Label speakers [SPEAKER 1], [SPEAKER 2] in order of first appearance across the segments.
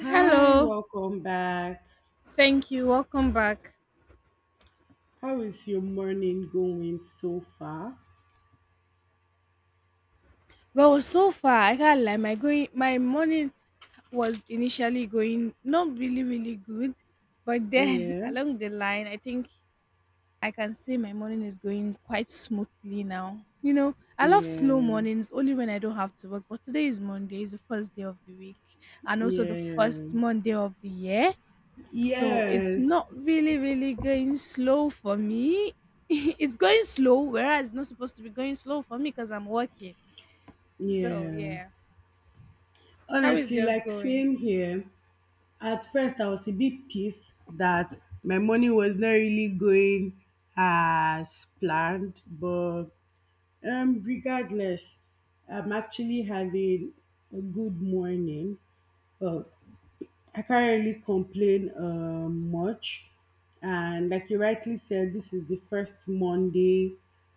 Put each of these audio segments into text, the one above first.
[SPEAKER 1] Hi, welcome back.
[SPEAKER 2] thank you. Welcome back.
[SPEAKER 1] How is your morning going so far?
[SPEAKER 2] Well, so far I can't lie. My morning was initially going not really, really good, but then
[SPEAKER 1] Yeah,
[SPEAKER 2] along the line, I think I can say my morning is going quite smoothly now. You know, I love slow
[SPEAKER 1] yeah,
[SPEAKER 2] mornings only when I don't have to work. But today is Monday, it's the first day of the week, and also the first
[SPEAKER 1] yeah,
[SPEAKER 2] Monday of the year. So it's
[SPEAKER 1] yes,
[SPEAKER 2] not really, really going slow for me. It's going slow, whereas it's not supposed to be going slow for me because I'm working. So
[SPEAKER 1] yeah.
[SPEAKER 2] yeah. How is
[SPEAKER 1] Honestly,
[SPEAKER 2] yours
[SPEAKER 1] like
[SPEAKER 2] going?
[SPEAKER 1] same here. At first, I was a bit pissed that my morning was not really going as planned, but regardless, I'm actually having a good morning. Well, I can't really complain much. And like you rightly said, this is the first Monday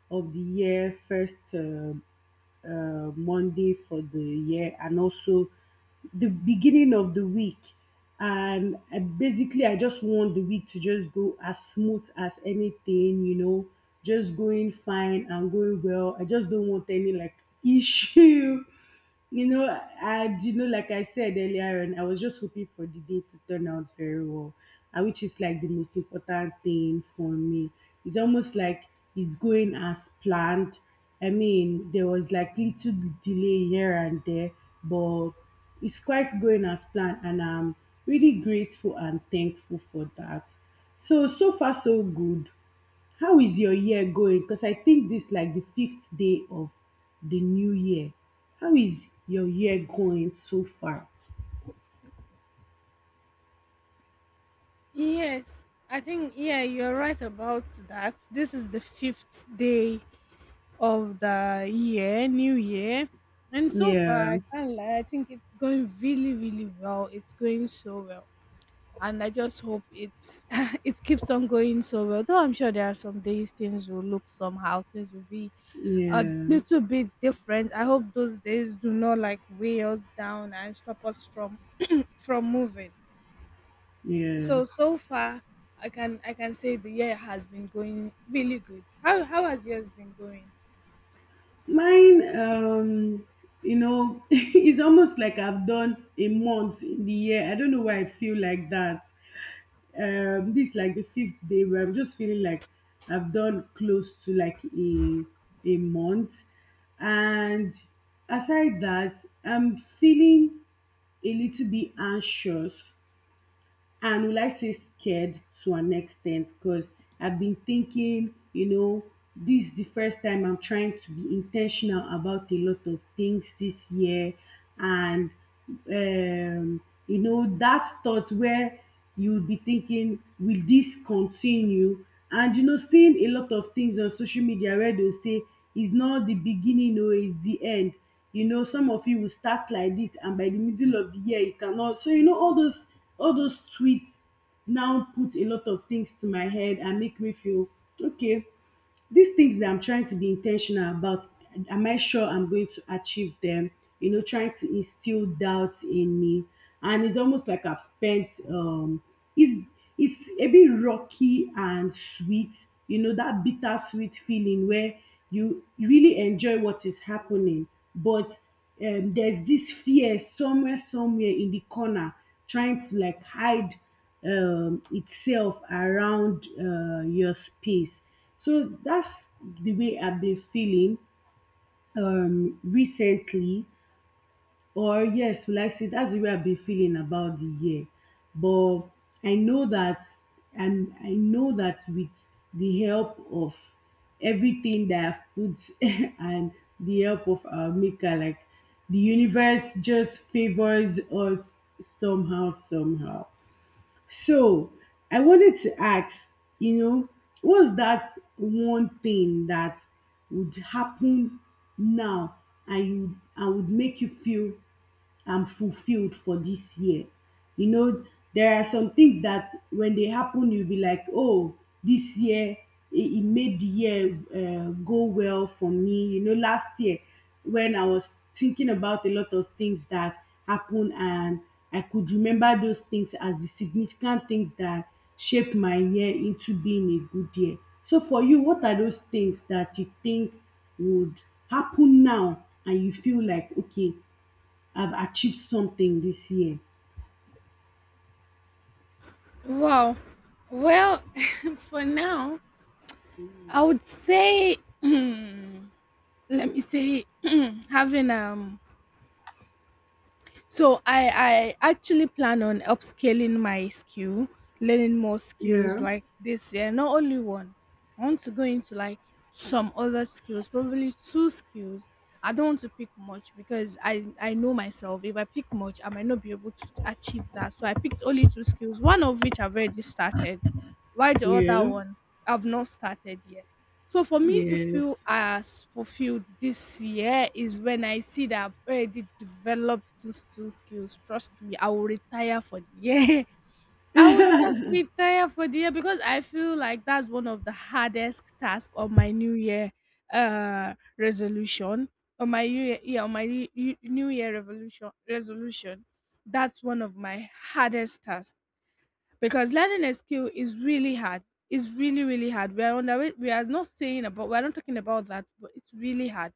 [SPEAKER 1] of the year, first Monday for the year, and also the beginning of the week. Basically, I just want the week to just go as smooth as anything, you know, just going fine and going well. I just don't want any like issue you know, like I said earlier on, I was just hoping for the day to turn out very well, and which is like the most important thing for me. It's almost like it's going as planned. I mean, there was like little delay here and there, but it's quite going as planned, and I'm really grateful and thankful for that. So so far so good. How is your year going? Because I think this like the fifth day of the new year. How is your year going so far?
[SPEAKER 2] Yes, I think, yeah, you're right about that. This is the fifth day of the year, new year. And so far,
[SPEAKER 1] Yeah,
[SPEAKER 2] I can't lie, I think it's going really, really well. It's going so well, and I just hope it's it keeps on going so well. Though I'm sure there are some days things will look somehow, things will be a
[SPEAKER 1] yeah,
[SPEAKER 2] little bit different. I hope those days do not like weigh us down and stop us from moving.
[SPEAKER 1] yeah.
[SPEAKER 2] So so far, I can say the year has been going really good. How has yours been going?
[SPEAKER 1] Mine, you know, it's almost like I've done a month in the year. I don't know why I feel like that. This like the fifth day where I'm just feeling like I've done close to like a month and aside that I'm feeling a little bit anxious. And will I say scared to an extent? Because I've been thinking, you know, this is the first time I'm trying to be intentional about a lot of things this year. And, um, you know, that thought where you'll be thinking, will this continue? And, you know, seeing a lot of things on social media where they'll say, it's not the beginning, no, it's the end. You know, some of you will start like this and by the middle of the year you cannot. So you know all those tweets now put a lot of things to my head and make me feel okay, these things that I'm trying to be intentional about, am I sure I'm going to achieve them? You know, trying to instill doubt in me. And it's almost like I've spent it's it's a bit rocky and sweet, you know, that bittersweet feeling where you really enjoy what is happening, but there's this fear somewhere in the corner trying to like hide itself around your space. So that's the way I've been feeling recently. Or yes, will I say that's the way I've been feeling about the year. But I know that, and I know that with the help of everything that I've put and the help of our maker, like the universe just favors us somehow somehow. So I wanted to ask, you know, what's that one thing that would happen now and you and would make you feel fulfilled for this year? You know, there are some things that when they happen, you'll be like, oh, this year it made the year go well for me. You know, last year when I was thinking about a lot of things that happened and I could remember those things as the significant things that shaped my year into being a good year. So for you, what are those things that you think would happen now and you feel like, okay, I've achieved something this year?
[SPEAKER 2] Wow. Well, for now, I would say let me say having So I actually plan on upscaling my skill, learning more skills
[SPEAKER 1] Yeah,
[SPEAKER 2] like this year. Not only one. I want to go into like some other skills, probably two skills. I don't want to pick much because I know myself. If I pick much, I might not be able to achieve that. So I picked only two skills, one of which I've already started, while the other
[SPEAKER 1] yeah,
[SPEAKER 2] one I've not started yet. So for me to
[SPEAKER 1] yes,
[SPEAKER 2] feel as fulfilled this year is when I see that I've already developed those two skills. Trust me, I will retire for the year. I would just retire for the year because I feel like that's one of the hardest tasks on my new year resolution. On my new year, yeah, on my new year revolution resolution. That's one of my hardest tasks because learning a skill is really hard. It's really, really hard. We are not talking about that, but it's really hard.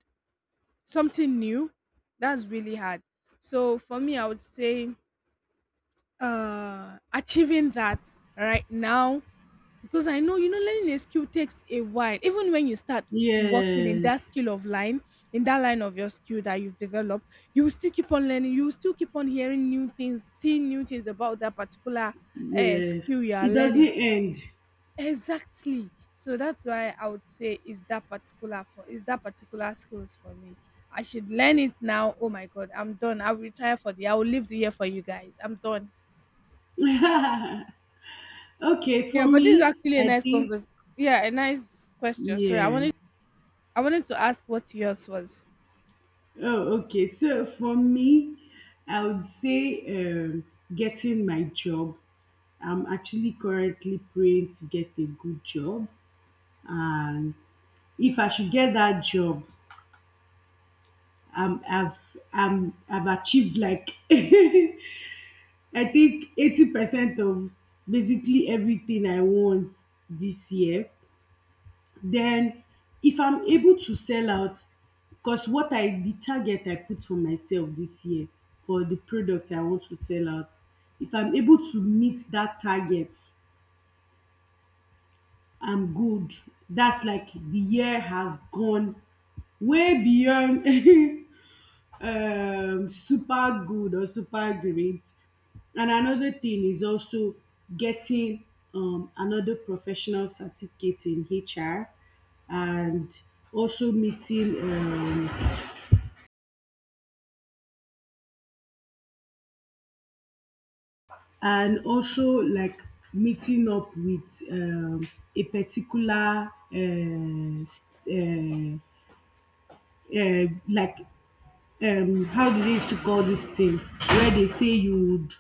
[SPEAKER 2] Something new, that's really hard. So for me, I would say achieving that right now because I know you know learning a skill takes a while. Even when you start working in
[SPEAKER 1] yes,
[SPEAKER 2] that skill of line, in that line of your skill that you've developed, you will still keep on learning. You will still keep on hearing new things, seeing new things about that particular
[SPEAKER 1] yes.
[SPEAKER 2] skill you are
[SPEAKER 1] It doesn't
[SPEAKER 2] learning.
[SPEAKER 1] end.
[SPEAKER 2] Exactly. So that's why I would say is that particular skills for me. I should learn it now. Oh my god, I'm done. I will leave the year for you guys. I'm done.
[SPEAKER 1] Okay, for
[SPEAKER 2] Yeah, but this is
[SPEAKER 1] me,
[SPEAKER 2] actually a
[SPEAKER 1] I
[SPEAKER 2] nice
[SPEAKER 1] think.
[SPEAKER 2] convers yeah, a nice question. Sorry,
[SPEAKER 1] Yeah.
[SPEAKER 2] I wanted to ask what yours was.
[SPEAKER 1] Oh, okay. So for me, I would say getting my job. I'm actually currently praying to get a good job, and if I should get that job, um, I've I've achieved like I think 80% of basically everything I want this year. Then if I'm able to sell out because what I the target I put for myself this year for the product I want to sell out, if I'm able to meet that target, I'm good. That's like the year has gone way beyond super good or super great. And another thing is also getting another professional certificate in HR, and also meeting um, also like meeting up with um, a particular s- uh, like how do they used to call this thing where they say you would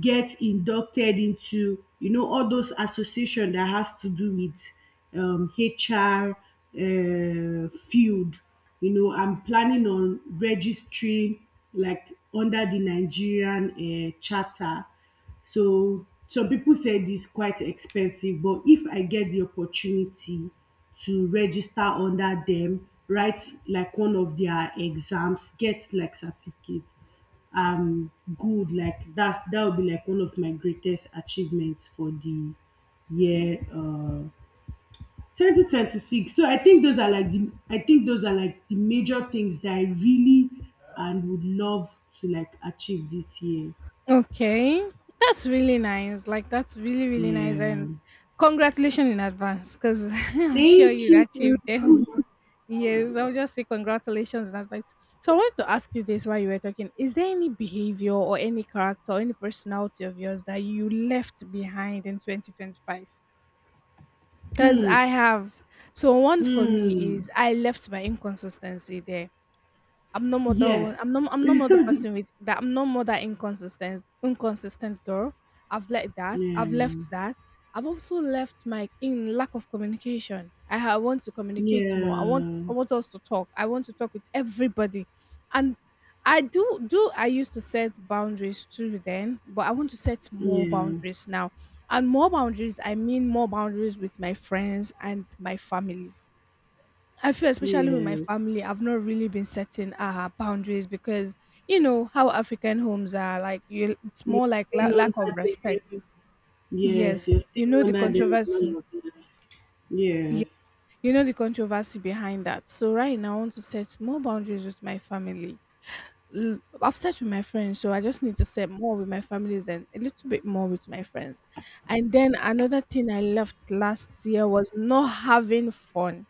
[SPEAKER 1] get inducted into, you know, all those association that has to do with HR field. You know, I'm planning on registering like under the Nigerian charter. So some people said it's quite expensive, but if I get the opportunity to register under them, write like one of their exams, get like certificate, um good, like that's that would be like one of my greatest achievements for the year 2026. So I think those are like the, I think those are like the major things that I really and would love to like achieve this year.
[SPEAKER 2] Okay. That's really nice. Like that's really, really nice,
[SPEAKER 1] Yeah.
[SPEAKER 2] and congratulations in advance because I'm sure
[SPEAKER 1] Thank
[SPEAKER 2] you'd
[SPEAKER 1] you.
[SPEAKER 2] achieve them. Yes, I'll just say congratulations in advance. So I wanted to ask you this while you were talking. Is there any behavior or any character or any personality of yours that you left behind in 2025? Because
[SPEAKER 1] Hmm.
[SPEAKER 2] I have. So one for me
[SPEAKER 1] Hmm.
[SPEAKER 2] is I left my inconsistency there. I'm no more the one.
[SPEAKER 1] Yes.
[SPEAKER 2] I'm no more the person with that I'm no more that inconsistent girl. I've let that.
[SPEAKER 1] Yeah.
[SPEAKER 2] I've left that. I've also left my in lack of communication. I want to communicate more.
[SPEAKER 1] Yeah.
[SPEAKER 2] I want us to talk. I want to talk with everybody. And I do do I used to set boundaries too then, but I want to set more
[SPEAKER 1] Yeah.
[SPEAKER 2] boundaries now. And more boundaries, I mean more boundaries with my friends and my family. I feel especially with my
[SPEAKER 1] Yeah.
[SPEAKER 2] family, I've not really been setting boundaries because you know how African homes are like. You, it's
[SPEAKER 1] Yeah.
[SPEAKER 2] more like
[SPEAKER 1] Ain't
[SPEAKER 2] lack
[SPEAKER 1] that.
[SPEAKER 2] of respect.
[SPEAKER 1] Nothing. Yes,
[SPEAKER 2] Yes,
[SPEAKER 1] you're
[SPEAKER 2] you
[SPEAKER 1] staying
[SPEAKER 2] know the
[SPEAKER 1] under them and not
[SPEAKER 2] controversy.
[SPEAKER 1] your parents.
[SPEAKER 2] ye-
[SPEAKER 1] Yes.
[SPEAKER 2] You know the controversy behind that. So right now, I want to set more boundaries with my family. I've set with my friends, so I just need to set more with my families and a little bit more with my friends. And then another thing I left last year was not having fun.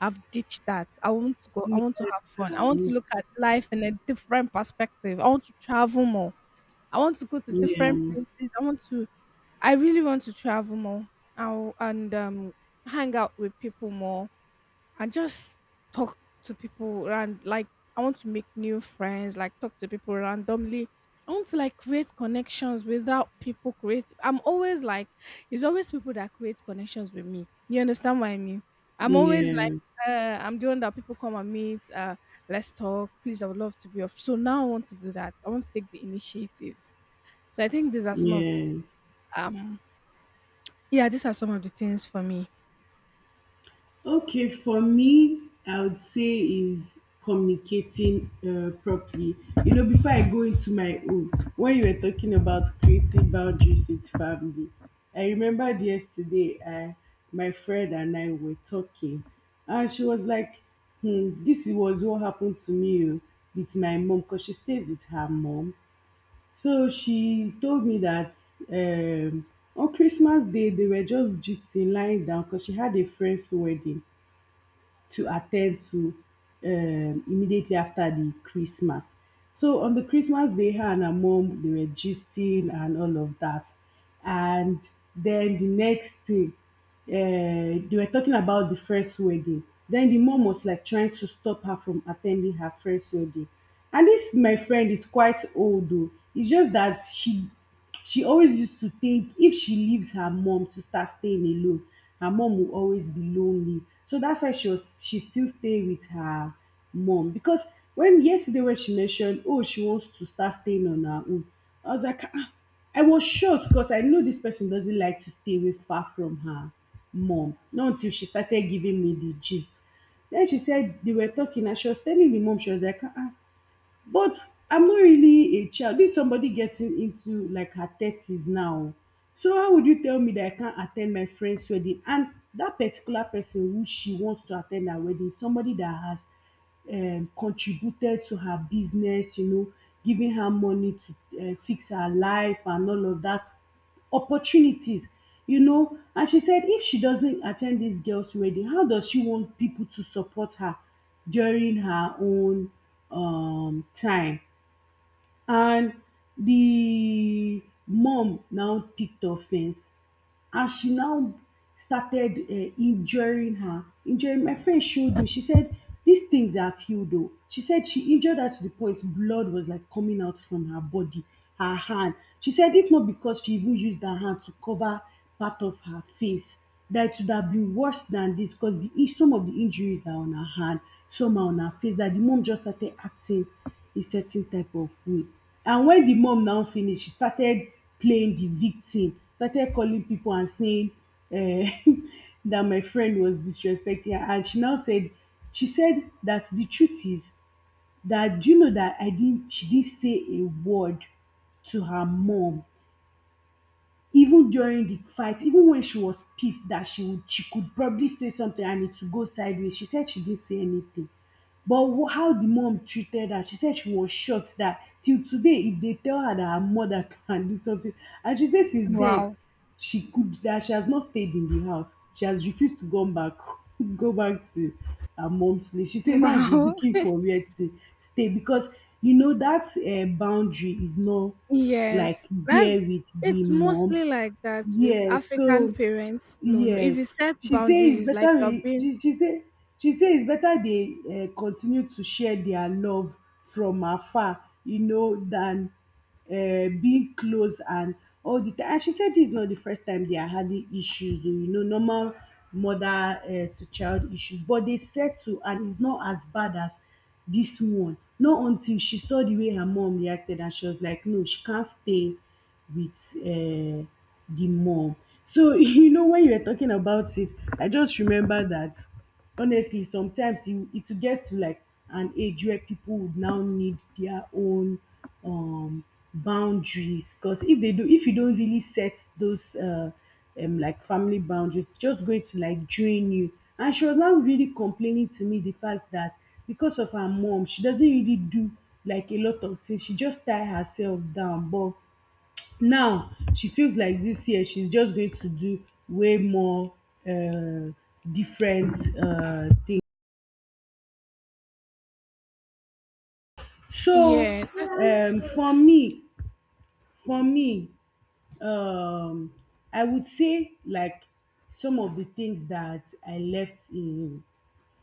[SPEAKER 2] I've ditched that. I want to go. I
[SPEAKER 1] Yeah.
[SPEAKER 2] want to have fun. I want to look at life in a different perspective. I want to travel more. I want to go to different
[SPEAKER 1] Yeah.
[SPEAKER 2] places. I really want to travel more. I, and Hang out with people more and just talk to people, and like I want to make new friends, like talk to people randomly. I want to like create connections without people create. I'm always like, it's always people that create connections with me. You understand what I mean? I'm always like,
[SPEAKER 1] Yeah.
[SPEAKER 2] I'm the one that people come and meet. Let's talk, please. I would love to be off. So now I want to do that. I want to take the initiatives. So I think these are some of
[SPEAKER 1] Yeah.
[SPEAKER 2] um, yeah, these are some of the things for me.
[SPEAKER 1] Okay, for me, I would say is communicating properly. You know, before I go into my own, when you were talking about creating boundaries with family, I remembered yesterday, my friend and I were talking, and she was like, hmm, this was what happened to me oh, with my mom because she stays with her mom. So she told me that um, on Christmas Day, they were just lying down because she had a friend's wedding to attend to immediately after the Christmas. So on the Christmas day, her and her mom they were gisting and all of that. And then the next day, they were talking about the first wedding. Then the mom was like trying to stop her from attending her first wedding. And this my friend is quite old though. It's just that she always used to think if she leaves her mom to start staying alone her mom will always be lonely, so that's why she still stay with her mom because when, yesterday when she mentioned oh she wants to start staying on her own, I was like ah, I was shocked because I know this person doesn't like to stay away far from her mom, not until she started giving me the gist. Then she said they were talking and she was telling the mom, she was like ah ah, but I'm not really a child. This is somebody getting into like her thirties now. So how would you tell me that I can't attend my friend's wedding? And that particular person who she wants to attend her wedding, is somebody that has contributed to her business, you know, giving her money to fix her life and all of that, opportunities, you know. And she said if she doesn't attend this girls wedding, how does she want people to support her during her own time? And the mom now picked offense, and she now started injuring her, injuring, my friend showed me, she said these things have healed though. She said she injured her to the point blood was like coming out from her body, her hand. She said if not because she even used her hand to cover part of her face, that it would have been worse than this, because the some of the injuries are on her hand, some are on her face. That the mom just started acting a certain type of way. And when the mom now finish, she started playing the victim, started calling people and saying um that my friend was disrespecting her. And she said that the truth is that do you know that I didn't she didn't say a word to her mom even during the fight, even when she was pissed that she could probably say something and it would go sideways, she said she didn't say anything. But wh- how the mom treated her, she said she was shocked that till today if they tell her that her mother can do something. And she said since then
[SPEAKER 2] Wow,
[SPEAKER 1] she could that she has not stayed in the house, she has refused to come back go back to her mom's place. She say now she's
[SPEAKER 2] wow.
[SPEAKER 1] looking for where to stay because you know that boundary is not like
[SPEAKER 2] Yes, that's
[SPEAKER 1] there with the
[SPEAKER 2] it's
[SPEAKER 1] mom.
[SPEAKER 2] mostly like that with
[SPEAKER 1] Yeah,
[SPEAKER 2] African
[SPEAKER 1] so
[SPEAKER 2] parents. No, no. If
[SPEAKER 1] yes,
[SPEAKER 2] you set
[SPEAKER 1] she say
[SPEAKER 2] boundaries,
[SPEAKER 1] it's
[SPEAKER 2] it's like
[SPEAKER 1] better
[SPEAKER 2] you're
[SPEAKER 1] we
[SPEAKER 2] being
[SPEAKER 1] she she say she say it's better they continue to share their love from afar, you know, than being close and all the time. And she said this is not the first time they are having issues o, you know, normal mother to child issues, but they settle and it's not as bad as this one. Not until she saw the way her mom reacted and she was like, no, she can't stay with the mom. So you know when you were talking about it, I just remember that honestly sometimes you it will get to like an age where people would now need their own um boundaries, because if they do if you don't really set those like family boundaries, it's just going to like drain you. And she was now really complaining to me the fact that because of her mom she doesn't really do like a lot of things, she just tie herself down. But now she feels like this year she's just going to do way more um different things. So
[SPEAKER 2] yeah.
[SPEAKER 1] um for me for me, um I would say like some of the things that I left in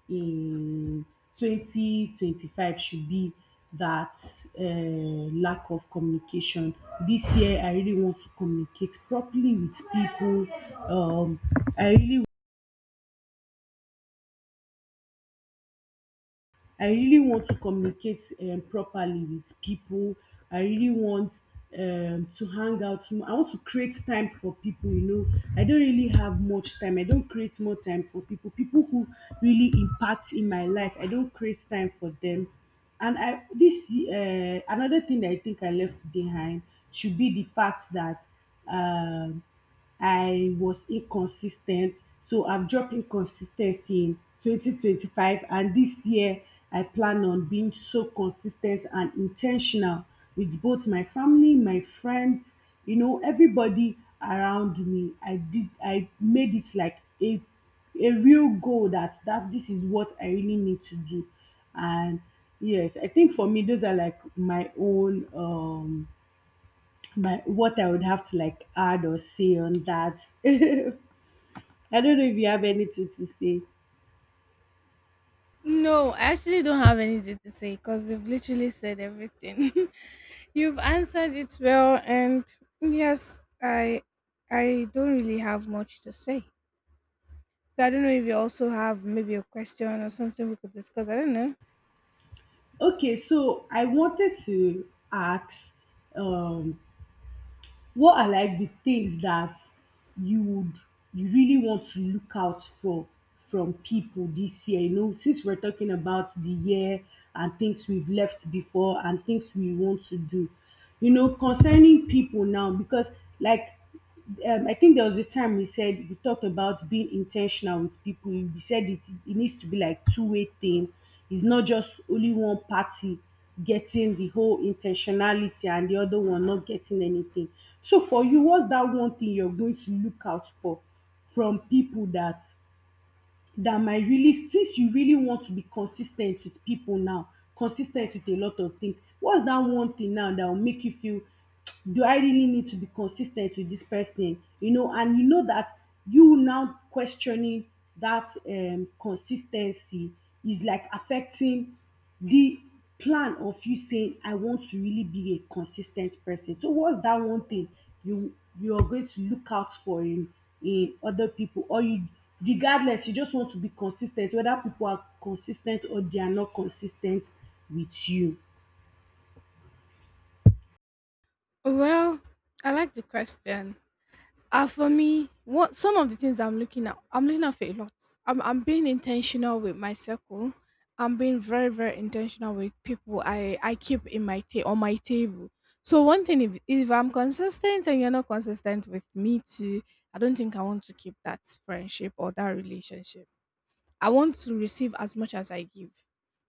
[SPEAKER 1] in 2025 should be that lack of communication. This year I really want to communicate properly with people. um I really I really want to communicate properly with people. I really want to hang out more. I want to create time for people, you know. I don't really have much time. I don't create more time for people. People who really impact in my life, I don't create time for them. And I this another thing that I think I left behind should be the fact that um I was inconsistent. So I've dropped inconsistency in 2025, and this year I plan on being so consistent and intentional with both my family, my friends, you know, everybody around me. I made it like a real goal that this is what I really need to do. And yes, I think for me those are like my own my what I would have to like add or say on that. I don't know if you have anything to say.
[SPEAKER 2] No, I actually don't have anything to say because you've literally said everything. You've answered it well, and yes, I don't really have much to say. So I don't know if you also have maybe a question or something we could discuss. I don't know.
[SPEAKER 1] Okay, so I wanted to ask, um, what are like the things that you would you really want to look out for from people this year? You know, since we're talking about the year and things we've left before and things we want to do, you know, concerning people now, because like I think there was a time we talked about being intentional with people. We said it needs to be like two-way thing. It's not just only one party getting the whole intentionality and the other one not getting anything. So for you, what's that one thing you're going to look out for from people that might really, since you really want to be consis ten t with people now, consis ten t with a lot of things, what's that one thing now that will make you feel, do I really need to be consis ten t with this person, you know, and you know that you now questioning that consis ten cy is like affecting the plan of you saying I want to really be a consistent person. So what's that one thing you you are going to look out for in other people, or you regardless you just want to be consistent whether people are consistent or they are not consistent with you.
[SPEAKER 2] Well, I like the question. For me, what some of the things I'm looking at for a lot. I'm being intentional with my circle. I'm being very very intentional with people I keep in my ta- on my table. So one thing, if I'm consistent and you're not consistent with me too, I don't think I want to keep that friendship or that relationship. I want to receive as much as I give.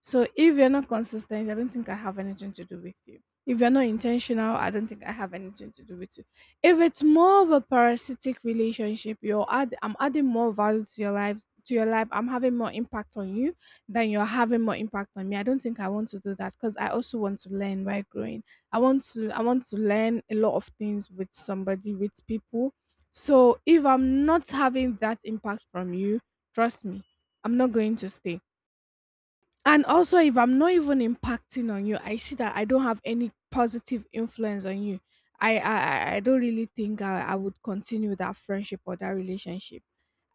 [SPEAKER 2] So if you're not consistent, I don't think I have anything to do with you. If you're not intentional, I don't think I have anything to do with you. If it's more of a parasitic relationship, you're add I'm adding more value to your lives to your life. I'm having more impact on you than you're having more impact on me. I don't think I want to do that because I also want to learn by growing. I want to learn a lot of things with somebody, with people. So if I'm not having that impact from you, trust me, I'm not going to stay. And also, if I'm not even impacting on you, I see that I don't have any positive influence on you. I don't really think I would continue that friendship or that relationship.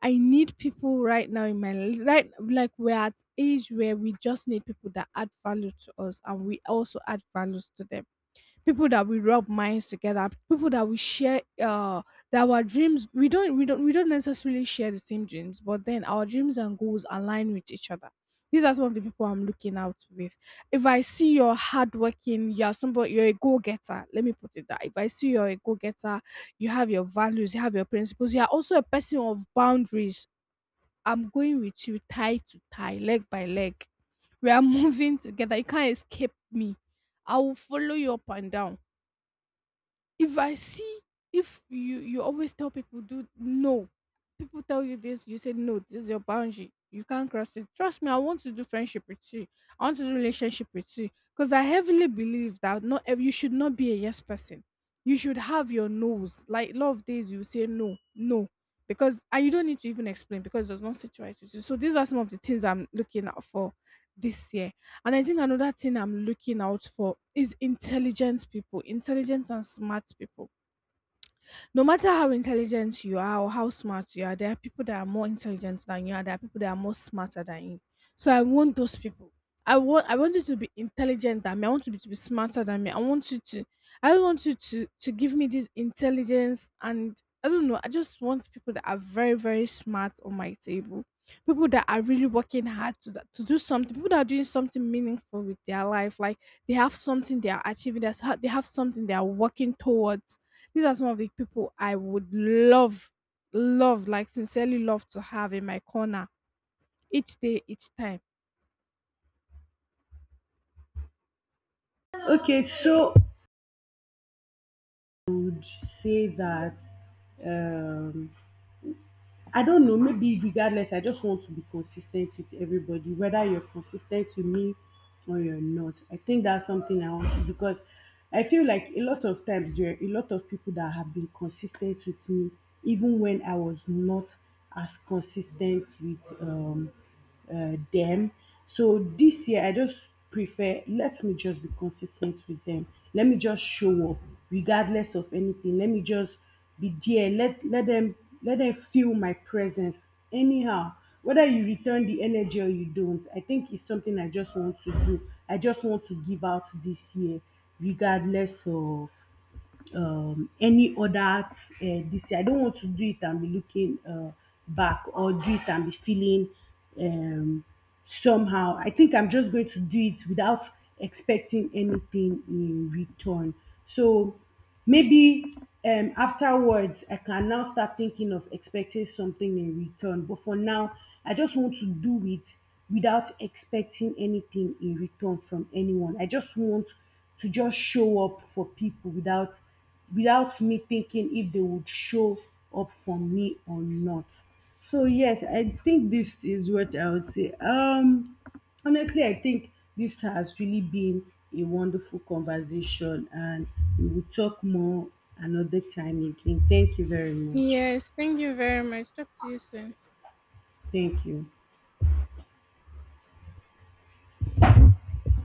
[SPEAKER 2] I need people right now in right like we're at age where we just need people that add value to us, and we also add values to them, people that we rub minds together, people that we share that our dreams. We don't necessarily share the same dreams, but then our dreams and goals align with each other. These are some of the people I'm looking out with. If I see you're hardworking, you're somebody, you're a go-getter, let me put it that if I see you're a go-getter, you have your values, you have your principles, you're also a person of boundaries, I'm going with you tie to tie, leg by leg. We are moving together, you can't escape me. I will follow you up and down. If I see if you always tell people do no, people tell you this, you say no, this is your boundary. You can't cross it. Trust me, I want to do friendship with you. I want to do relationship with you because I heavily believe that not ev- you should not be a yes person. You should have your no's. Like a lot of days you say no, no, because and you don't need to even explain because it does not sit right with you. So these are some of the things I'm looking out for this year. And I think another thing I'm looking out for is intelligent people, intelligent and smart people. No matter how intelligent you are or how smart you are, there are people that are more intelligent than you, and there are people that are more smarter than you. So I want those people. I want you to be intelligent than me. I want you to be smarter than me. I don't want you to give me this intelligence and I don't know. I just want people that are very very smart on my table. People that are really working hard to do something. People that are doing something meaningful with their life. Like they have something they are achieving. That's how they have something they are working towards. These are some of the people I would love, love, like sincerely love to have in my corner each day, each time.
[SPEAKER 1] Okay, so I would say that um I don't know, maybe regardless, I just want to be consistent with everybody, whether you're consistent ten with me or you're not. I think that's something I want to, because I feel like a lot of times there are a lot of people that have been consistent with me even when I was not as consistent with them. So this year, I just prefer, let me just be consistent with them. Let me just show up, regardless of anything. Let me just be there. Let them, let them feel my presence. Anyhow, whether you return the energy or you don't, I think it's something I just want to do. I just want to give out this year, regardless of any other this thing. I don't want to do it and be looking back, or do it and be feeling um, somehow. I think I'm just going to do it without expecting anything in return. So maybe afterwards, I can now start thinking of expecting something in return. But for now, I just want to do it without expecting anything in return from anyone. I just want to just show up for people without me thinking if they would show up for me or not. So yes, I think this is what I would say. Honestly I think this has really been a wonderful conversation, and we will talk more another time again. Thank you very much.
[SPEAKER 2] Yes, thank you very much. Talk to you soon.
[SPEAKER 1] Thank you.